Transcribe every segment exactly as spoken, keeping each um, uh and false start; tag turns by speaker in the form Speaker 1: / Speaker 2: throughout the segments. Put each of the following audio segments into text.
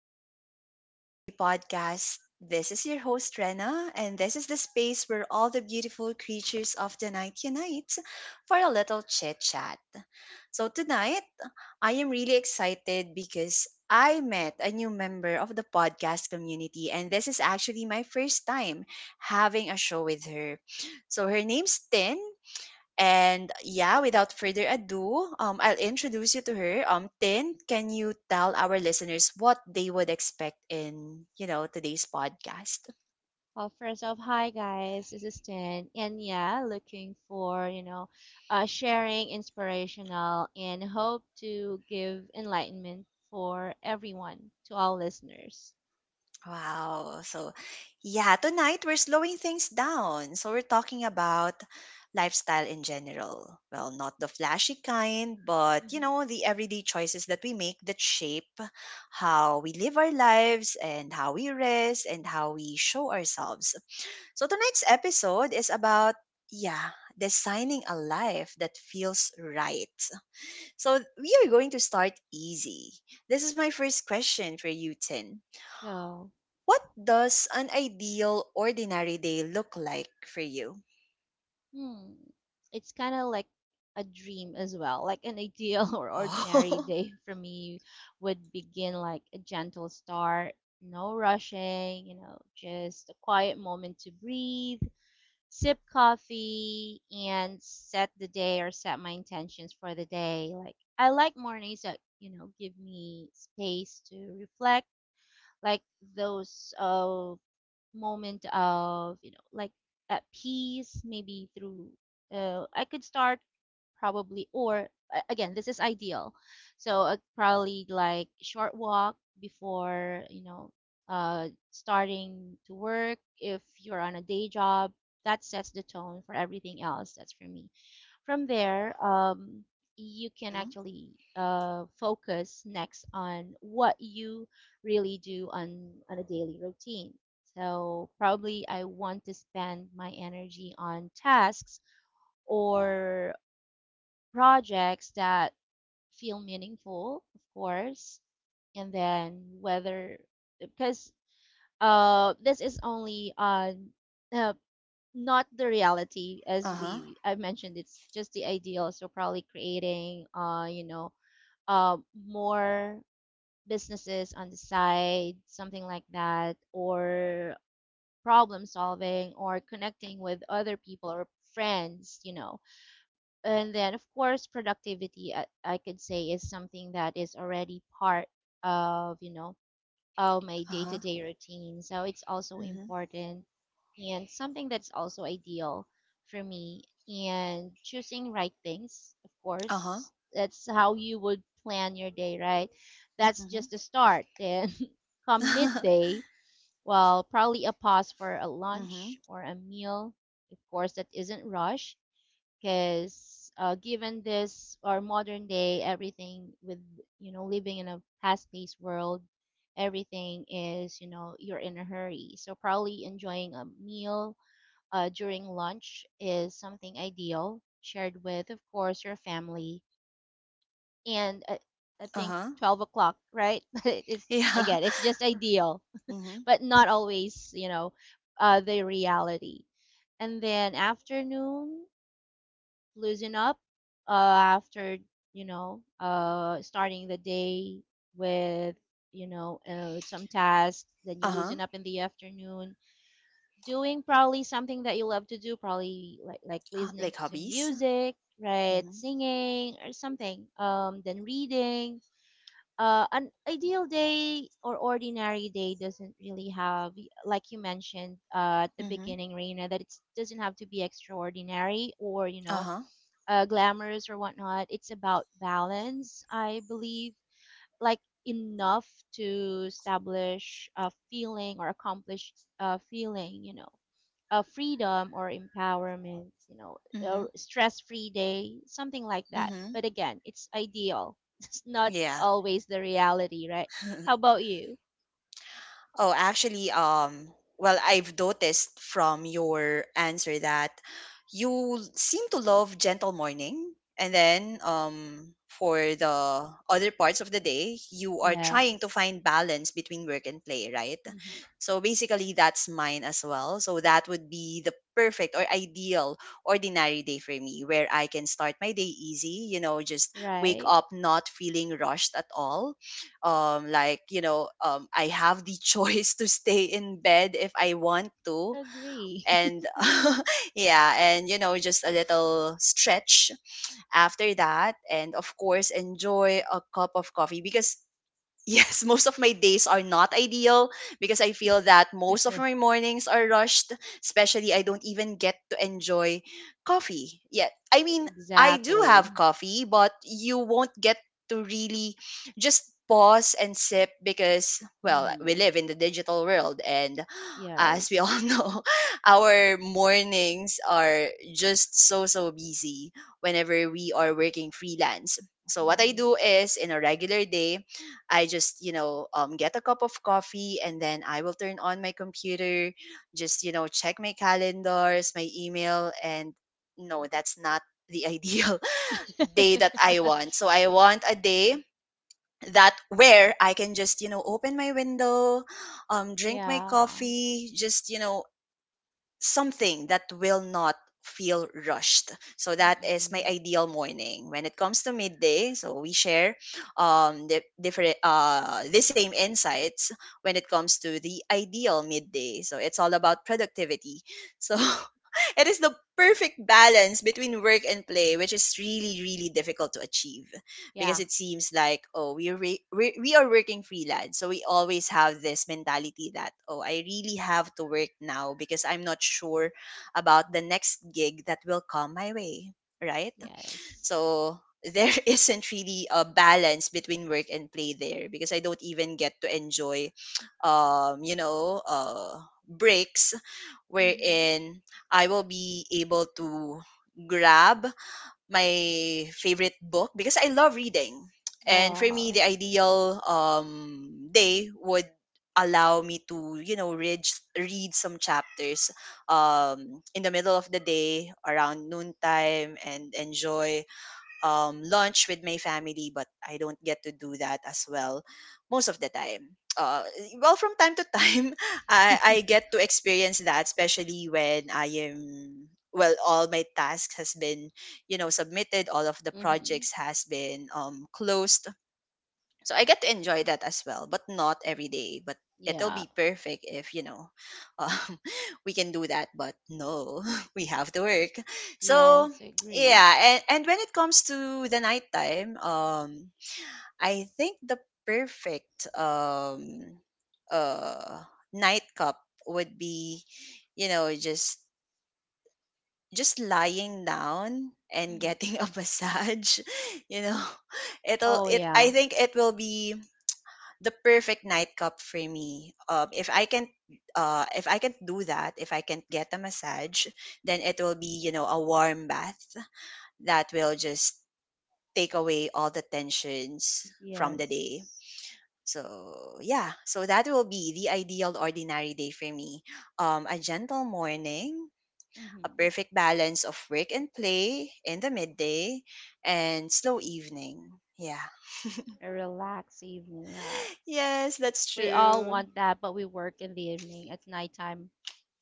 Speaker 1: Welcome to the Sleepless Beauty Podcast. This is your host, Rena, and this is the space where all the beautiful creatures of the night unite for a little chit chat. So, tonight, I am really excited because I met a new member of the podcast community, and this is actually my first time having a show with her. So, her name's Tin, and yeah, without further ado, um, I'll introduce you to her. Um, Tin, can you tell our listeners what they would expect in, you know, today's podcast?
Speaker 2: Well, first off, hi guys, this is Tin, and yeah, looking for you know, uh, sharing inspirational and hope to give enlightenment for everyone to all listeners.
Speaker 1: Wow. So yeah, tonight we're slowing things down. So we're talking about lifestyle in general. Well, not the flashy kind, but you
Speaker 2: hmm
Speaker 1: know, the everyday choices that we make that shape how we live our lives and how we rest and how we show ourselves. So tonight's episode is about, yeah, designing a life that feels right. So we are going to start easy. This is my first question for you, Tin.
Speaker 2: So,
Speaker 1: What does an ideal ordinary day look like for you?
Speaker 2: hmm, it's kind of like a dream as well, like an ideal or ordinary
Speaker 1: Oh.
Speaker 2: day for me would begin like a gentle start, no rushing, you know, just a quiet moment to breathe sip coffee and set the day or set my intentions for the day. Like I like mornings that, you know, give me space to reflect, like those uh moment of you know like at peace maybe through uh, I could start probably or a- again this is ideal so uh, probably like short walk before you know uh, starting to work if you're on a day job that sets the tone for everything else that's for me from there, um, you can
Speaker 1: Mhm.
Speaker 2: actually uh, focus next on what you really do on, on a daily routine. So, probably I want to spend my energy on tasks or projects that feel meaningful, of course. And then, whether because uh, this is only on uh, not the reality as
Speaker 1: Uh-huh.
Speaker 2: we I mentioned. It's just the ideal, so probably creating uh you know uh more businesses on the side, something like that, or problem solving or connecting with other people or friends, you know. And then of course productivity i, I could say is something that is already part of you know uh, my day
Speaker 1: Uh-huh.
Speaker 2: to day routine. So it's also
Speaker 1: Mhm.
Speaker 2: important and something that's also ideal for me. And choosing right things, of
Speaker 1: Uh-huh.
Speaker 2: course, that's how you would plan your day, right? That's
Speaker 1: Mhm.
Speaker 2: just the start. Then come midday, well, probably a pause for a lunch
Speaker 1: Mhm.
Speaker 2: or a meal. Of course, that isn't rush because uh, given this our modern day, everything with, you know, living in a fast-paced world, everything is, you know, you're in a hurry, so probably enjoying a meal uh, during lunch is something ideal, shared with, of course, your family, and uh, I think
Speaker 1: Uh-huh.
Speaker 2: twelve o'clock, right? But it's
Speaker 1: Yeah.
Speaker 2: again, it's just ideal
Speaker 1: Mhm.
Speaker 2: but not always, you know, uh, the reality. And then afternoon, loosen up uh, after, you know, uh, starting the day with, you know, uh, some tasks, then you
Speaker 1: Uh-huh.
Speaker 2: loosen up in the afternoon doing probably something that you love to do, probably like like
Speaker 1: Uh,
Speaker 2: listening
Speaker 1: like
Speaker 2: to
Speaker 1: hobbies?
Speaker 2: music, right,
Speaker 1: Mhm.
Speaker 2: singing or something, um, then reading. Uh, an ideal day or ordinary day doesn't really have, like you mentioned uh, at the
Speaker 1: Mhm.
Speaker 2: beginning, Reina, that it doesn't have to be extraordinary or, you know,
Speaker 1: Uh-huh.
Speaker 2: uh, glamorous or whatnot. It's about balance, I believe, like enough to establish a feeling or accomplish a feeling, you know, a freedom or empowerment, you know, a
Speaker 1: Mhm.
Speaker 2: stress-free day, something like that.
Speaker 1: Mhm.
Speaker 2: But again, it's ideal. It's not
Speaker 1: Yeah.
Speaker 2: always the reality, right? How about you?
Speaker 1: Oh, actually, um, well, I've noticed from your answer that you seem to love gentle morning, and then um, for the other parts of the day, you are trying to
Speaker 2: Yes.
Speaker 1: find balance between work and play, right?
Speaker 2: Hmm.
Speaker 1: So basically, that's mine as well. So that would be the perfect or ideal ordinary day for me, where I can start my day easy. You know, just wake
Speaker 2: Right?
Speaker 1: up not feeling rushed at all, um like you know um I have the choice to stay in bed if I want to,
Speaker 2: Agree.
Speaker 1: and yeah, and you know, just a little stretch after that, and of course enjoy a cup of coffee because yes, most of my days are not ideal because I feel that most of my mornings are rushed, especially I don't even get to enjoy coffee yet. I mean, I do
Speaker 2: Exactly.
Speaker 1: have coffee, but you won't get to really just pause and sip because, well, we
Speaker 2: Hmm.
Speaker 1: live in the digital world, and as we all
Speaker 2: Yes.
Speaker 1: know, our mornings are just so so busy whenever we are working freelance. So what I
Speaker 2: Mhm.
Speaker 1: do is, in a regular day, I just, you know, um, get a cup of coffee, and then I will turn on my computer, just, you know, check my calendars, my email, and no, that's not the ideal day that I want. So I want a day that where I can just, you know, open my window, um, drink my
Speaker 2: Yeah.
Speaker 1: coffee, just, you know, something that will not feel rushed. So that is my
Speaker 2: Mm-mm.
Speaker 1: ideal morning. When it comes to midday, so we share um the different uh the same insights when it comes to the ideal midday. So it's all about productivity. So it is the perfect balance between work and play, which is really, really difficult to achieve because
Speaker 2: Yeah.
Speaker 1: it seems like, oh, we are re- we we are working freelance, so we always have this mentality that, oh, I really have to work now because I'm not sure about the next gig that will come my way, right?
Speaker 2: Yes.
Speaker 1: So there isn't really a balance between work and play there because I don't even get to enjoy um you know uh breaks
Speaker 2: Mhm.
Speaker 1: wherein I will be able to grab my favorite book because I love reading. And for me, the
Speaker 2: Oh.
Speaker 1: ideal um, day would allow me to, you know, read, read some chapters um, in the middle of the day around noontime, and enjoy um, lunch with my family, but I don't get to do that as well most of the time. Uh, well, from time to time, I, I get to experience that, especially when I am, well, all my tasks has been, you know, submitted. All of the
Speaker 2: Mhm.
Speaker 1: projects has been um, closed, so I get to enjoy that as well, but not every day. But it'll
Speaker 2: Yeah.
Speaker 1: be perfect if, you know, um, we can do that. But no, we have to work. So
Speaker 2: Yes, I agree.
Speaker 1: yeah, and, and when it comes to the nighttime, um, I think the perfect um, uh, night cup would be, you know, just just lying down and
Speaker 2: Mhm.
Speaker 1: getting a massage you know it'll
Speaker 2: Oh
Speaker 1: it I
Speaker 2: yeah.
Speaker 1: think it will be the perfect nightcap for me. Um, if I can, uh, if I can do that, if I can get a massage, then it will be, you know, a warm bath that will just take away all the tensions from the day.
Speaker 2: Yes.
Speaker 1: So yeah, so that will be the ideal ordinary day for me. Um, a gentle morning, a
Speaker 2: Mhm.
Speaker 1: perfect balance of work and play in the midday, and slow evening. Yeah.
Speaker 2: A relaxed evening. Uh,
Speaker 1: Yes, that's
Speaker 2: we all
Speaker 1: true.
Speaker 2: want that, but we work in the evening at nighttime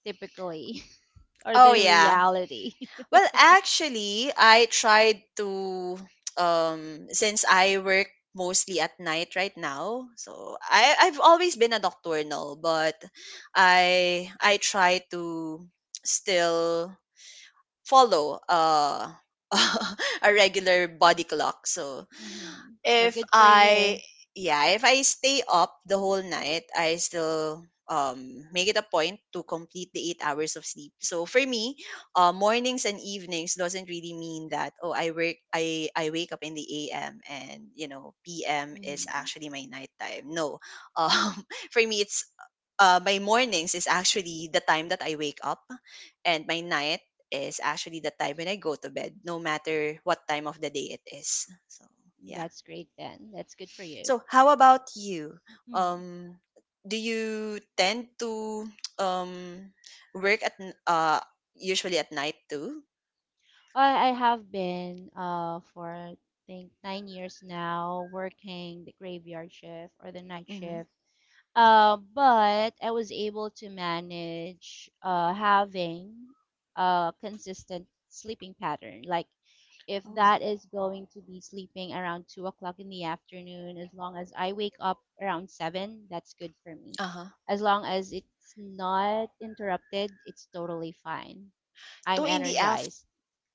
Speaker 2: typically, or
Speaker 1: Oh
Speaker 2: the
Speaker 1: yeah.
Speaker 2: reality.
Speaker 1: Well, actually, I tried to um since I work mostly at night right now. So I I've always been a nocturnal, but I I try to still follow uh a regular body clock. So
Speaker 2: Mhm. Well,
Speaker 1: if
Speaker 2: good for
Speaker 1: I,
Speaker 2: you.
Speaker 1: yeah, if I stay up the whole night, I still um make it a point to complete the eight hours of sleep. So for me, uh, mornings and evenings doesn't really mean that, oh, I work I I wake up in the A M and you know P M is
Speaker 2: Mhm.
Speaker 1: actually my nighttime. No, um for me it's uh, my mornings is actually the time that I wake up, and my night is actually the time when I go to bed, no matter what time of the day it is. So yeah.
Speaker 2: That's great then. That's good for you.
Speaker 1: So how about you? Um, do you tend to um work at n- uh usually at night too?
Speaker 2: I, I have been uh for I think nine years now, working the graveyard shift or the night
Speaker 1: Mm-hmm.
Speaker 2: shift. Uh, but I was able to manage uh having a consistent sleeping pattern. Like if
Speaker 1: Oh.
Speaker 2: that is going to be sleeping around two o'clock in the afternoon, as long as I wake up around seven, that's good for me.
Speaker 1: Uh-huh.
Speaker 2: As long as it's not interrupted, it's totally fine. I'm
Speaker 1: Two in the af
Speaker 2: energized.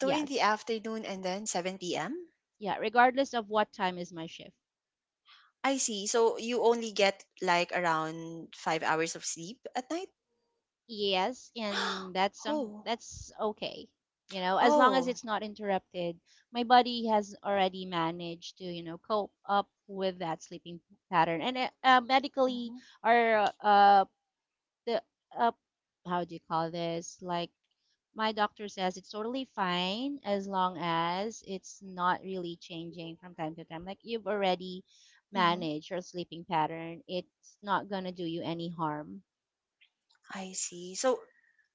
Speaker 1: two in the afternoon and then seven p m?
Speaker 2: Yeah, regardless of what time is my shift.
Speaker 1: I see. So you only get like around five hours of sleep at night?
Speaker 2: Yes, and that's some
Speaker 1: Oh.
Speaker 2: that's okay. You know, as long as
Speaker 1: Oh.
Speaker 2: it's not interrupted, my body has already managed to, you know, cope up with that sleeping pattern. And uh, uh, medically,
Speaker 1: Mm-hmm.
Speaker 2: or uh the uh how do you call this? Like my doctor says it's totally fine as long as it's not really changing from time to time. Like, you've already
Speaker 1: Mm-hmm.
Speaker 2: managed your sleeping pattern, it's not gonna do you any harm.
Speaker 1: I see. So,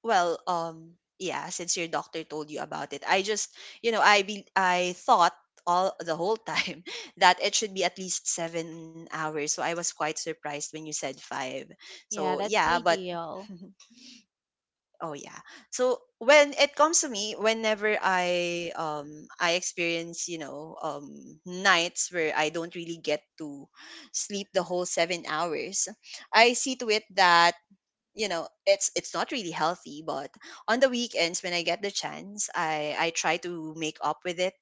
Speaker 1: well, um, yeah, since your doctor told you about it, I just, you know, I be, I thought all the whole time that it should be at least seven hours. So I was quite surprised when you said five.
Speaker 2: Yeah,
Speaker 1: So
Speaker 2: that's the
Speaker 1: yeah, but
Speaker 2: ideal.
Speaker 1: oh yeah. So when it comes to me, whenever I um I experience, you know, um nights where I don't really get to sleep the whole seven hours, I see to it that, you know, it's it's not really healthy, but on the weekends when I get the chance, i i try to make up with it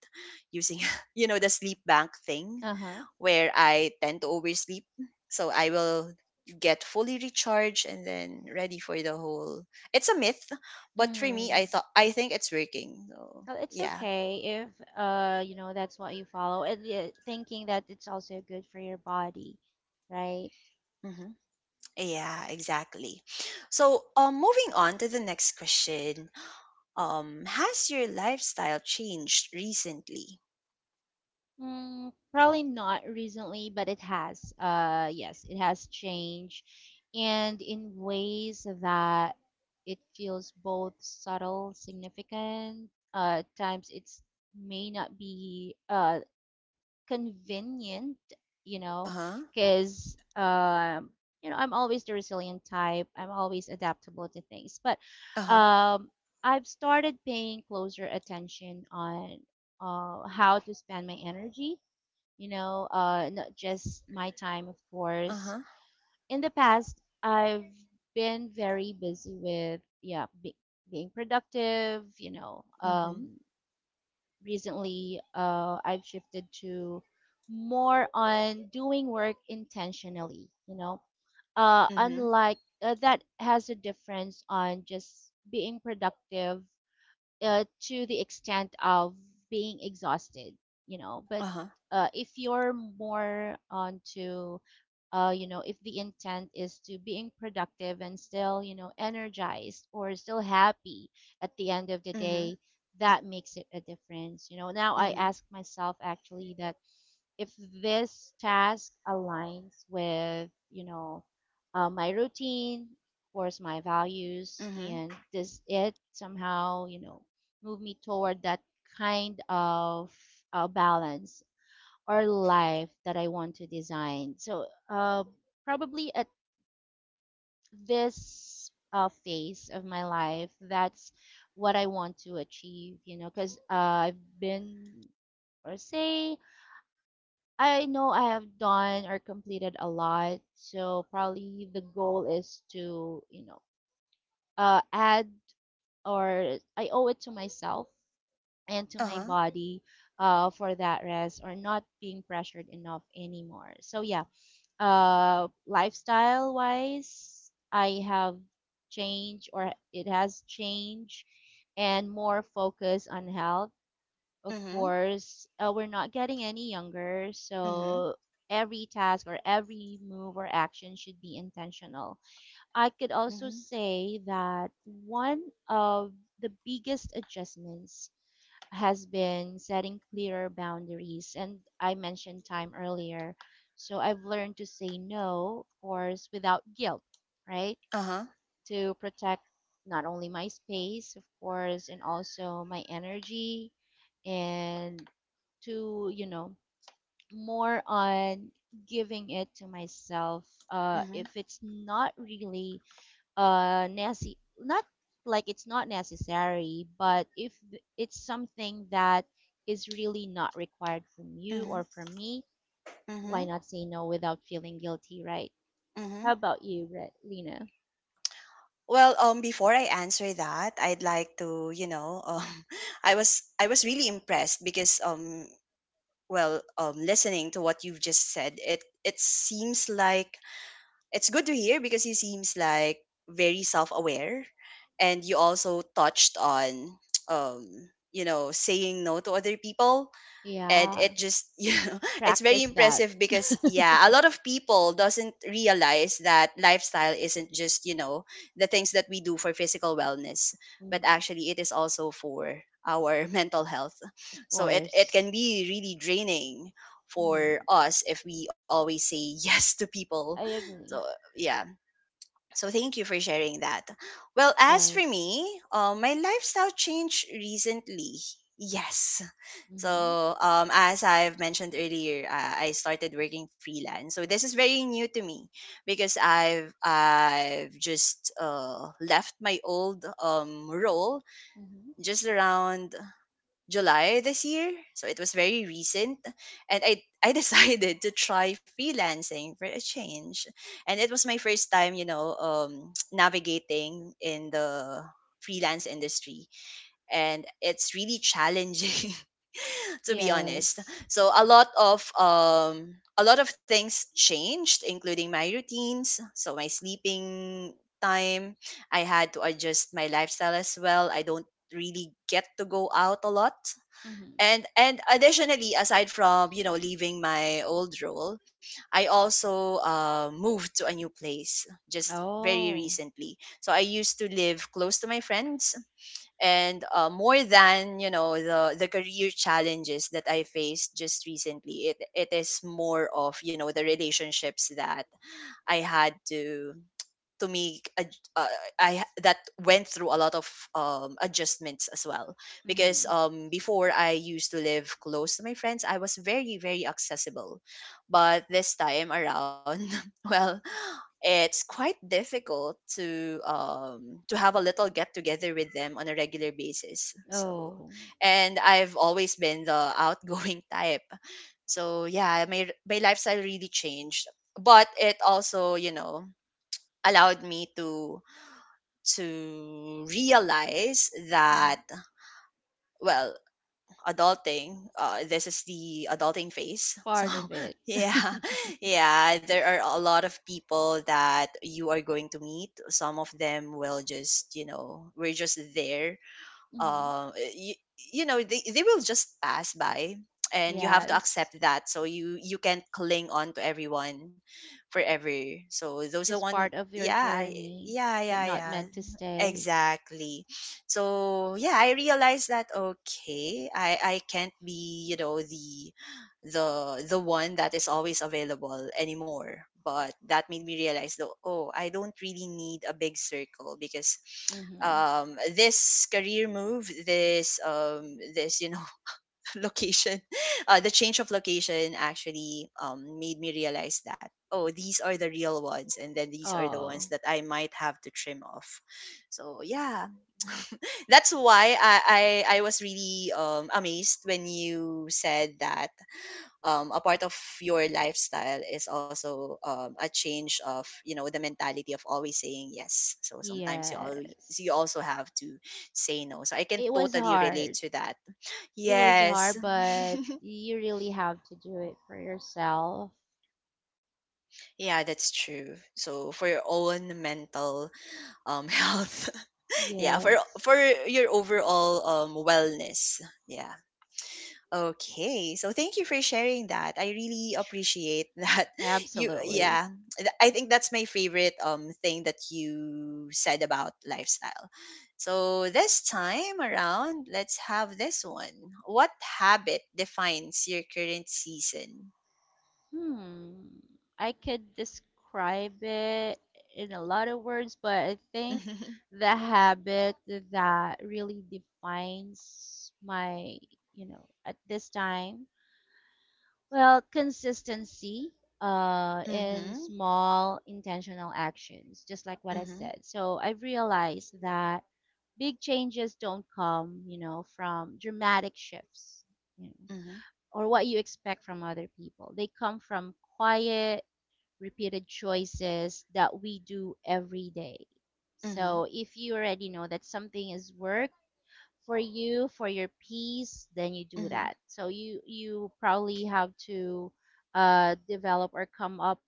Speaker 1: using you know, the sleep bank thing
Speaker 2: Uh-huh.
Speaker 1: where I tend to oversleep, so I will get fully recharged and then ready for the whole. It's a myth, but for me i
Speaker 2: Mm.
Speaker 1: thought i think it's working, so
Speaker 2: Well, it's
Speaker 1: yeah.
Speaker 2: okay if uh you know that's what you follow, and yeah, thinking that it's also good for your body, right?
Speaker 1: Hmm. Yeah, exactly. So um moving on to the next question. Um, has your lifestyle changed recently?
Speaker 2: Mm, probably not recently, but it has. Uh yes, it has changed and in ways that it feels both subtle, significant. Uh at times it's may not be uh convenient, you know,
Speaker 1: Uh-huh.
Speaker 2: because um, you know, I'm always the resilient type. I'm always adaptable to things, but
Speaker 1: Uh-huh,
Speaker 2: um, I've started paying closer attention on uh, how to spend my energy. You know, uh, not just my time, of course.
Speaker 1: uh-huh,
Speaker 2: In the past, I've been very busy with, yeah, be- being productive. You know,
Speaker 1: mhm,
Speaker 2: um, recently uh, I've shifted to more on doing work intentionally, you know. Uh,
Speaker 1: mhm,
Speaker 2: unlike uh, that has a difference on just being productive uh, to the extent of being exhausted, you know, but
Speaker 1: uh-huh,
Speaker 2: uh, if you're more onto uh, you know, if the intent is to being productive and still, you know, energized or still happy at the end of the
Speaker 1: mhm,
Speaker 2: day, that makes it a difference, you know. Now I
Speaker 1: mhm,
Speaker 2: ask myself actually that if this task aligns with, you know, uh, my routine, of course, my values,
Speaker 1: mhm,
Speaker 2: and does it somehow, you know, move me toward that kind of uh, balance or life that I want to design. So uh, probably at this uh, phase of my life, that's what I want to achieve, you know, because uh, i've been or say I know I have done or completed a lot, so probably the goal is to, you know, uh, add or I owe it to myself and to my
Speaker 1: uh-huh,
Speaker 2: body uh, for that rest or not being pressured enough anymore. So yeah, uh, lifestyle wise, I have changed or it has changed, and more focus on health, of
Speaker 1: mhm,
Speaker 2: course. Uh, we're not getting any younger,
Speaker 1: mhm,
Speaker 2: so every task or every move or action should be intentional. I could also
Speaker 1: mhm,
Speaker 2: say that one of the biggest adjustments has been setting clearer boundaries, and I mentioned time earlier. So I've learned to say no, of course, without guilt, right?
Speaker 1: uh-huh,
Speaker 2: To protect not only my space, of course, and also my energy, and to, you know, more on giving it to myself uh
Speaker 1: mhm,
Speaker 2: if it's not really uh necessary. Not like it's not necessary, but if th- it's something that is really not required from you
Speaker 1: mhm,
Speaker 2: or from me, why
Speaker 1: mhm,
Speaker 2: not say no without feeling guilty, right? How
Speaker 1: mhm.
Speaker 2: about you, Re- lena?
Speaker 1: Well, um, before I answer that, I'd like to, you know, um, I was I was really impressed because, um, well, um, listening to what you've just said, it it seems like it's good to hear because he seems like very self-aware, and you also touched on um you know, saying no to other people, and
Speaker 2: Yeah,
Speaker 1: it just you know, it's very
Speaker 2: practice that.
Speaker 1: impressive because, yeah, a lot of people doesn't realize that lifestyle isn't just, you know, the things that we do for physical wellness, but
Speaker 2: Mhm.
Speaker 1: actually it is also for our mental health.
Speaker 2: Of
Speaker 1: So it it
Speaker 2: course.
Speaker 1: can be really draining for
Speaker 2: Mhm.
Speaker 1: us if we always say yes to people.
Speaker 2: I
Speaker 1: So
Speaker 2: agree.
Speaker 1: yeah, so thank you for sharing that. Well,
Speaker 2: Of
Speaker 1: as for
Speaker 2: course.
Speaker 1: me, uh, my lifestyle changed recently, yes.
Speaker 2: Mm-hmm.
Speaker 1: So, um, as I've mentioned earlier, uh, I started working freelance. So this is very new to me because I've I've just uh, left my old um, role
Speaker 2: Mm-hmm.
Speaker 1: just around July this year. So it was very recent, and I I decided to try freelancing for a change, and it was my first time, you know, um, navigating in the freelance industry, and it's really challenging to be honest.
Speaker 2: Yes.
Speaker 1: So a lot of um a lot of things changed, including my routines, so my sleeping time. I had to adjust my lifestyle as well. I don't really get to go out a lot.
Speaker 2: Mm-hmm.
Speaker 1: And and additionally, aside from, you know, leaving my old role, I also uh, moved to a new place just very
Speaker 2: Oh.
Speaker 1: recently. So I used to live close to my friends, and uh, more than you know the the career challenges that i faced just recently, it it is more of you know the relationships that I had to to make ad- uh, I that went through a lot of um, adjustments as well, because
Speaker 2: Mm-hmm.
Speaker 1: um before i used to live close to my friends, i was very very accessible, but this time around well, it's quite difficult to um to have a little get together with them on a regular basis. So
Speaker 2: Oh.
Speaker 1: and i've always been the outgoing type. So yeah, my my lifestyle really changed, but it also, you know allowed me to to realize
Speaker 2: Mm-hmm.
Speaker 1: that, well, adulting. Uh, this is the adulting
Speaker 2: It's
Speaker 1: phase. So
Speaker 2: part of it.
Speaker 1: yeah, yeah, there are a lot of people that you are going to meet. Some of them will just, you know, we're just there,
Speaker 2: Mm-hmm.
Speaker 1: uh, you, you know, they, they will just pass by, and you have to
Speaker 2: Yes.
Speaker 1: accept that. So you you can't cling on to everyone forever. So those are the
Speaker 2: Just
Speaker 1: one.
Speaker 2: part of your
Speaker 1: Yeah,
Speaker 2: journey,
Speaker 1: yeah,
Speaker 2: but
Speaker 1: yeah,
Speaker 2: not
Speaker 1: yeah,
Speaker 2: meant to stay.
Speaker 1: exactly. So yeah, i realized that, okay, i i can't be, you know, the the the one that is always available anymore. But that made me realize though, oh, I don't really need a big circle, because
Speaker 2: Mm-hmm.
Speaker 1: um, this career move, this um, this you know location, uh, the change of location actually um, made me realize that, oh, these are the real ones, and then these are the ones
Speaker 2: Oh.
Speaker 1: that I might have to trim off. So yeah, that's why I I, I was really um, amazed when you said that um, a part of your lifestyle is also um, a change of, you know, the mentality of always saying yes. So sometimes you always you
Speaker 2: Yes.
Speaker 1: also have to say no. So i can
Speaker 2: It was
Speaker 1: totally relate
Speaker 2: hard.
Speaker 1: to that.
Speaker 2: It was
Speaker 1: Yes.
Speaker 2: hard, but you really have to do it for yourself.
Speaker 1: Yeah, that's true. So for your own mental um health. Yeah, for
Speaker 2: Yes.
Speaker 1: for your overall um wellness. Yeah. Okay, so thank you for sharing that. I really
Speaker 2: Tr-
Speaker 1: appreciate that. You,
Speaker 2: Absolutely.
Speaker 1: yeah, th- I think that's my favorite um thing that you said about lifestyle. So this time around, let's have this one. What habit defines your current season?
Speaker 2: Hmm. I could describe it in a lot of words, but I think the habit that really defines my, you know, at this time, well, consistency uh in
Speaker 1: Mhm,
Speaker 2: small intentional actions, just like what I
Speaker 1: mhm,
Speaker 2: said. So I've realized that big changes don't come, you know, from dramatic shifts, you know,
Speaker 1: mhm,
Speaker 2: or what you expect from other people. They come from quiet repeated choices that we do every day. So
Speaker 1: mhm,
Speaker 2: if you already know that something is work for you, for your peace, then you do
Speaker 1: mhm,
Speaker 2: that. So you you probably have to uh, develop or come up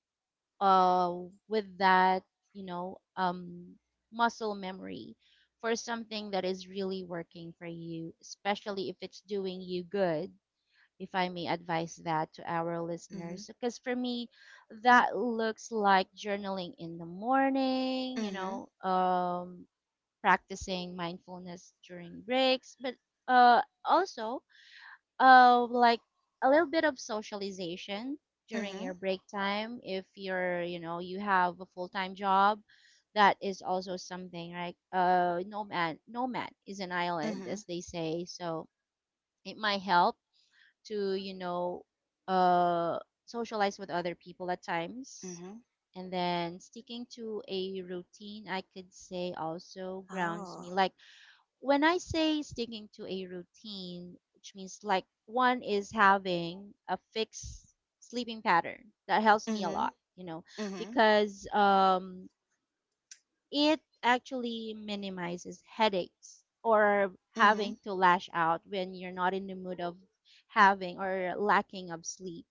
Speaker 2: uh, with that, you know, um, muscle memory for something that is really working for you, especially if it's doing you good, if I may advise that to our listeners.
Speaker 1: mhm,
Speaker 2: Because for me, that looks like journaling in the morning, you
Speaker 1: mhm,
Speaker 2: know, um, practicing mindfulness during breaks, but uh, also uh, like a little bit of socialization
Speaker 1: mhm,
Speaker 2: during your
Speaker 1: mhm,
Speaker 2: break time. If you're, you know, you have a full time job, that is also something, right? Uh, no man, no man is an island, as
Speaker 1: mhm,
Speaker 2: they say. So it might help to, you know, uh socialize with other people at times.
Speaker 1: mhm.
Speaker 2: And then sticking to a routine, I could say, also grounds me.
Speaker 1: Oh.
Speaker 2: Like when I say sticking to a routine, which means like one is having a fixed sleeping pattern, that helps me a
Speaker 1: Mhm,
Speaker 2: lot, you know,
Speaker 1: mhm,
Speaker 2: because um, it actually minimizes headaches or having
Speaker 1: mhm,
Speaker 2: to lash out when you're not in the mood of having or lacking of sleep.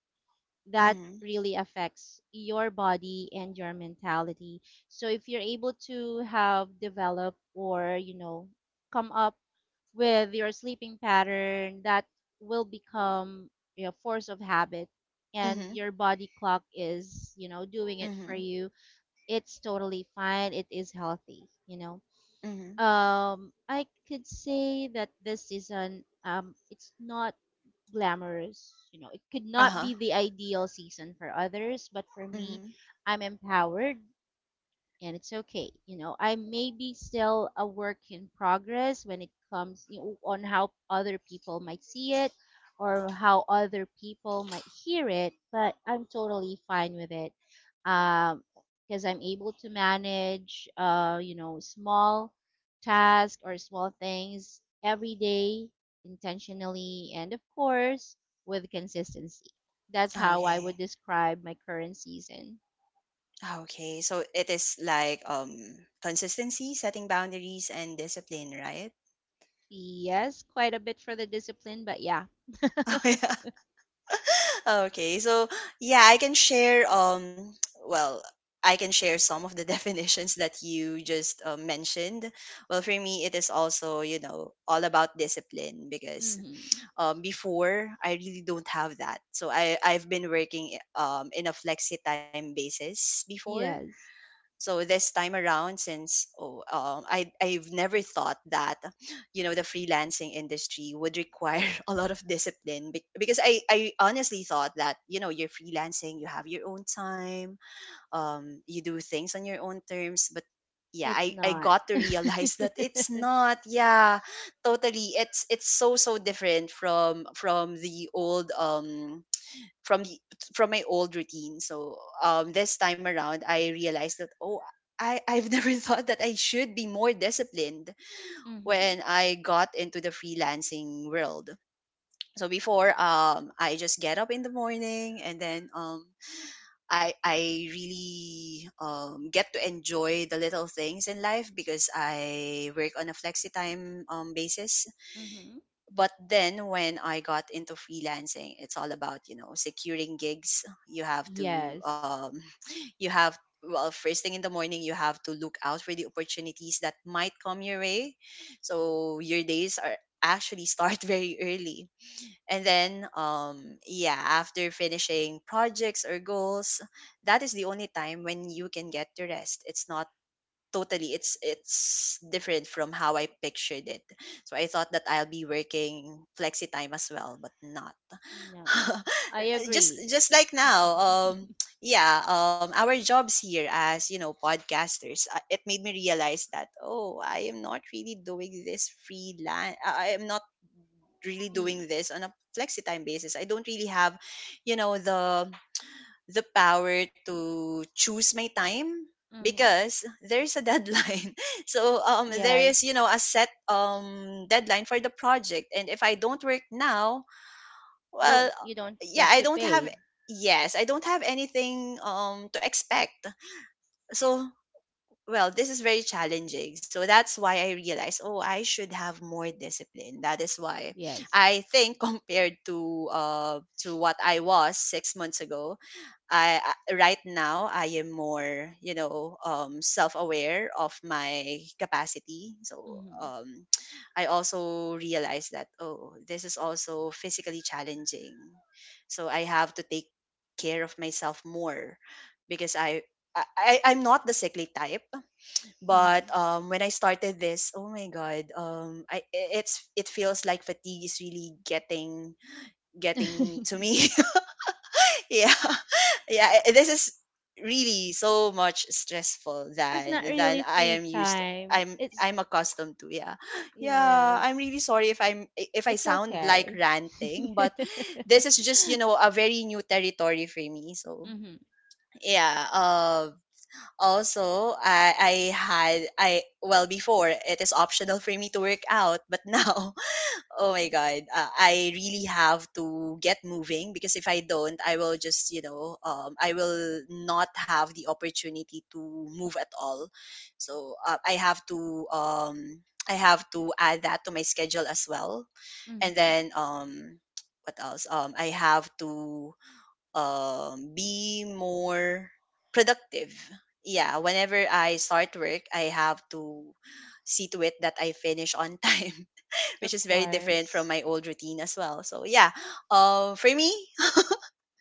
Speaker 2: That
Speaker 1: mhm,
Speaker 2: really affects your body and your mentality. So if you're able to have develop or, you know, come up with your sleeping pattern, that will become a force of habit, and
Speaker 1: mhm,
Speaker 2: your body clock is, you know, doing it for
Speaker 1: mhm,
Speaker 2: you, it's totally fine. It is healthy, you know.
Speaker 1: mhm.
Speaker 2: Um, I could say that this season, um, it's not glamorous. You know, it could not
Speaker 1: Uh-huh.
Speaker 2: be the ideal season for others, but for me,
Speaker 1: Mhm.
Speaker 2: I'm empowered and it's okay. You know, I may be still a work in progress when it comes, you know, on how other people might see it or how other people might hear it, but I'm totally fine with it because I'm able to manage, uh, you know, small tasks or small things every day intentionally and, of course, with consistency. That's how I would
Speaker 1: Okay.
Speaker 2: describe my current season.
Speaker 1: Okay. So it is like um consistency, setting boundaries and discipline, right?
Speaker 2: Yes, quite a bit for the discipline, but yeah.
Speaker 1: Oh yeah. Okay. So yeah, I can share um well, I can share some of the definitions that you just uh, mentioned. Well, for me it is also, you know, all about discipline, because
Speaker 2: Hmm.
Speaker 1: um before I really don't have that. So I I've been working um in a flexi time basis before.
Speaker 2: Yes,
Speaker 1: So this time around, since oh, um, I I've never thought that, you know, the freelancing industry would require a lot of discipline, be- because I I honestly thought that, you know, you're freelancing, you have your own time, um, you do things on your own terms. But yeah,
Speaker 2: it's
Speaker 1: I, I
Speaker 2: not.
Speaker 1: got to realize that it's not. Yeah, totally, it's it's so so different from from the old um from the from my old routine. So um, this time around, I realized that, oh, I I've never thought that I should be more disciplined
Speaker 2: Hmm.
Speaker 1: when I got into the freelancing world. So before, um, I just get up in the morning, and then um, I I really um, get to enjoy the little things in life because I work on a flexi time um, basis.
Speaker 2: Hmm.
Speaker 1: But then when I got into freelancing, it's all about, you know, securing gigs. You have to
Speaker 2: Yes.
Speaker 1: um, you have, well, first thing in the morning, you have to look out for the opportunities that might come your way. So your days are actually start very early. And then um yeah, after finishing projects or goals, that is the only time when you can get to rest. It's not totally, it's it's different from how I pictured it. So I thought that I'll be working flexi time as well, but not.
Speaker 2: No. I
Speaker 1: just
Speaker 2: agree.
Speaker 1: just like now, um yeah, um our jobs here as, you know, podcasters, uh, it made me realize that, oh, I am not really doing this freelance. I I am not really doing
Speaker 2: E-
Speaker 1: this on a flexi time basis. I don't really have, you know, the the power to choose my time,
Speaker 2: hmm.
Speaker 1: because there's a deadline. So um there is, you
Speaker 2: Yes.
Speaker 1: know, a set um deadline for the project, and if i don't work now, well,
Speaker 2: Don't, you don't
Speaker 1: yeah,
Speaker 2: get
Speaker 1: i
Speaker 2: to
Speaker 1: don't have.
Speaker 2: paid.
Speaker 1: Yes, i don't have anything um to expect. So, well, this is very challenging. So that's why i realized, oh, i should have more discipline. That is why
Speaker 2: Yes.
Speaker 1: i think compared to uh to what i was six months ago, I I- right now I am more, you know, um, self-aware of my capacity. So
Speaker 2: Mm-hmm.
Speaker 1: um, I also realize that, oh, this is also physically challenging. So I have to take care of myself more, because I I I- I'm not the sickly type, but
Speaker 2: Hmm.
Speaker 1: um, when I started this, oh my god, um, I i- it's, it feels like fatigue is really getting getting to me. Yeah, yeah, i- this is really so much stressful
Speaker 2: It's
Speaker 1: than
Speaker 2: not
Speaker 1: than
Speaker 2: really
Speaker 1: i
Speaker 2: free
Speaker 1: am used,
Speaker 2: time.
Speaker 1: i'm
Speaker 2: It's
Speaker 1: i'm accustomed to. Yeah, yeah, i'm really
Speaker 2: yes.
Speaker 1: sorry if i'm i- if i
Speaker 2: It's
Speaker 1: sound like
Speaker 2: okay.
Speaker 1: ranting, but this is just, you know, a very new territory for me. So
Speaker 2: Mm-hmm.
Speaker 1: yeah, um also i i had i well, before it is optional for me to work out, but now, oh my god, uh, I really have to get moving, because if I don't, I will just, you know, um, I will not have the opportunity to move at all. So uh, I have to, um, I have to add that to my schedule as well. And
Speaker 2: Hmm.
Speaker 1: then, um, what else? Um, I have to um, be more productive. Yeah, whenever I start work, I have to see to it that I finish on time, which
Speaker 2: Of
Speaker 1: is very different from
Speaker 2: course.
Speaker 1: my old routine as well. So yeah, um, for me,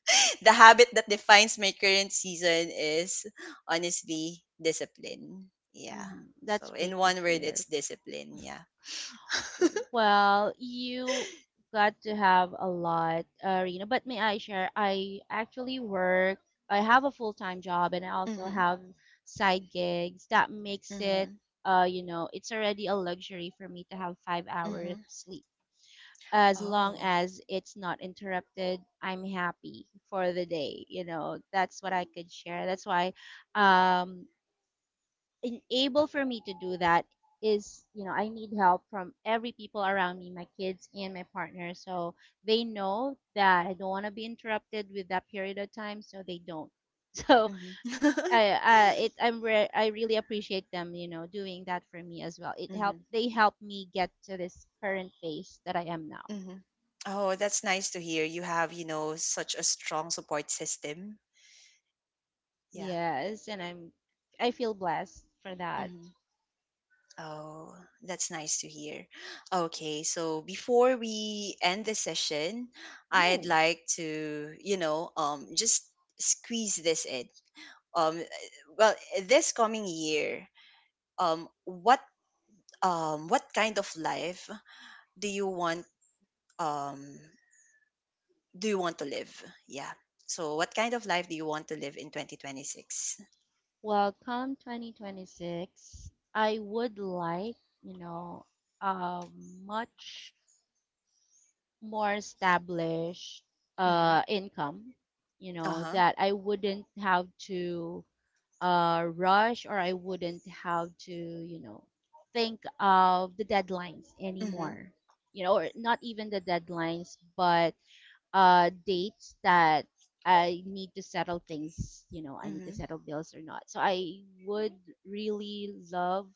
Speaker 1: the habit that defines my current season is honestly discipline. Yeah.
Speaker 2: Hmm. That's
Speaker 1: So in
Speaker 2: great to
Speaker 1: one word, it's
Speaker 2: hear.
Speaker 1: discipline. Yeah.
Speaker 2: Well, you got to have a lot, uh, Rena, but may I share? I actually work, I have a full-time job, and I also
Speaker 1: Mhm.
Speaker 2: have side gigs. That makes it,
Speaker 1: Mhm.
Speaker 2: uh, you know, it's already a luxury for me to have five hours
Speaker 1: Mhm.
Speaker 2: sleep. As long
Speaker 1: Oh.
Speaker 2: as it's not interrupted, I'm happy for the day. You know, that's what I could share. That's why um, en- able for me to do that is, you know, I need help from every people around me, my kids and my partner. So they know that I don't want to be interrupted with that period of time, so they don't. So
Speaker 1: Mhm.
Speaker 2: I uh, it's, i'm re- I really appreciate them, you know, doing that for me as well. It helped,
Speaker 1: Mhm.
Speaker 2: they helped me get to this current phase that I am now.
Speaker 1: Mhm. Oh, that's nice to hear. You have, you know, such a strong support system. Yeah.
Speaker 2: Yes, and i'm I feel blessed for that.
Speaker 1: Mm-hmm. Oh, that's nice to hear. Okay, so before we end the session, I'd
Speaker 2: No.
Speaker 1: like to, you know, um, just squeeze this in. Um, well, this coming year, um, what, um, what kind of life do you want, um, do you want to live? Yeah. So, what kind of life do you want to live in twenty twenty-six?
Speaker 2: Well, come twenty twenty-six, I would like, you know, a much more established
Speaker 1: Mm-hmm.
Speaker 2: uh, income, you know,
Speaker 1: Uh-huh.
Speaker 2: that I wouldn't have to uh, rush, or I wouldn't have to, you know, think of the deadlines
Speaker 1: Mm-hmm.
Speaker 2: anymore, you know, or not even the deadlines, but uh dates that I need to settle things, you know, I need to
Speaker 1: Mm-hmm.
Speaker 2: settle bills or not. So I would really love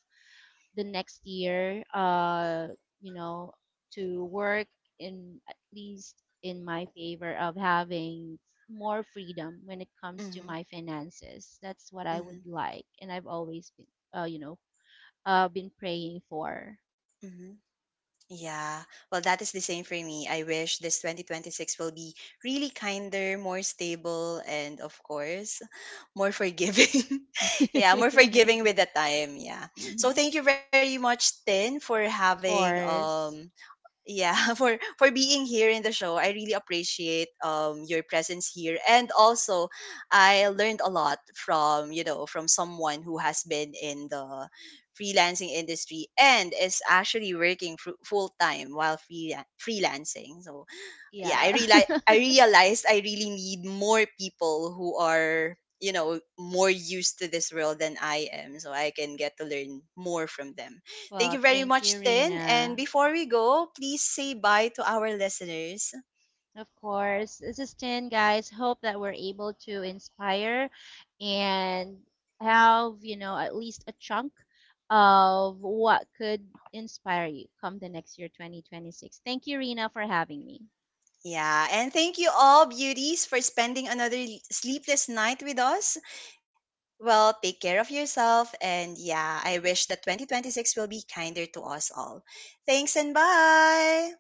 Speaker 2: the next year uh you know to work in, at least, in my favor of having more freedom when it comes to
Speaker 1: Mm-hmm.
Speaker 2: my finances. That's what I would
Speaker 1: Mm-hmm.
Speaker 2: like, and I've always been uh you know uh been praying for.
Speaker 1: Mm-hmm. Yeah, well, that is the same for me. I wish this twenty twenty-six will be really kinder, more stable, and of course, more forgiving. Yeah, more forgiving with the time. Yeah. So
Speaker 2: Mhm.
Speaker 1: thank you very much, Tin, for
Speaker 2: Of
Speaker 1: having um
Speaker 2: course.
Speaker 1: yeah, for for being here in the show. I really appreciate um your presence here, and also i learned a lot from, you know, from someone who has been in the freelancing industry and is actually working full time while free, freelancing. So yeah, I
Speaker 2: Yeah.
Speaker 1: realize I realized I really need more people who are, you know, more used to this world than I am, so I can get to learn more from them. Thank you
Speaker 2: Well,
Speaker 1: very
Speaker 2: thank you,
Speaker 1: much, Tin. And
Speaker 2: Rena.
Speaker 1: before we go, please say bye to our listeners.
Speaker 2: Of course, this is ten, guys. Hope that we're able to inspire and have, you know, at least a chunk of what could inspire you come the next year, twenty twenty-six. Thank you, Rena, for having me.
Speaker 1: Yeah, and thank you all, beauties, for spending another l- sleepless night with us. Well, take care of yourself, and yeah, I wish that twenty twenty-six will be kinder to us all. Thanks and bye.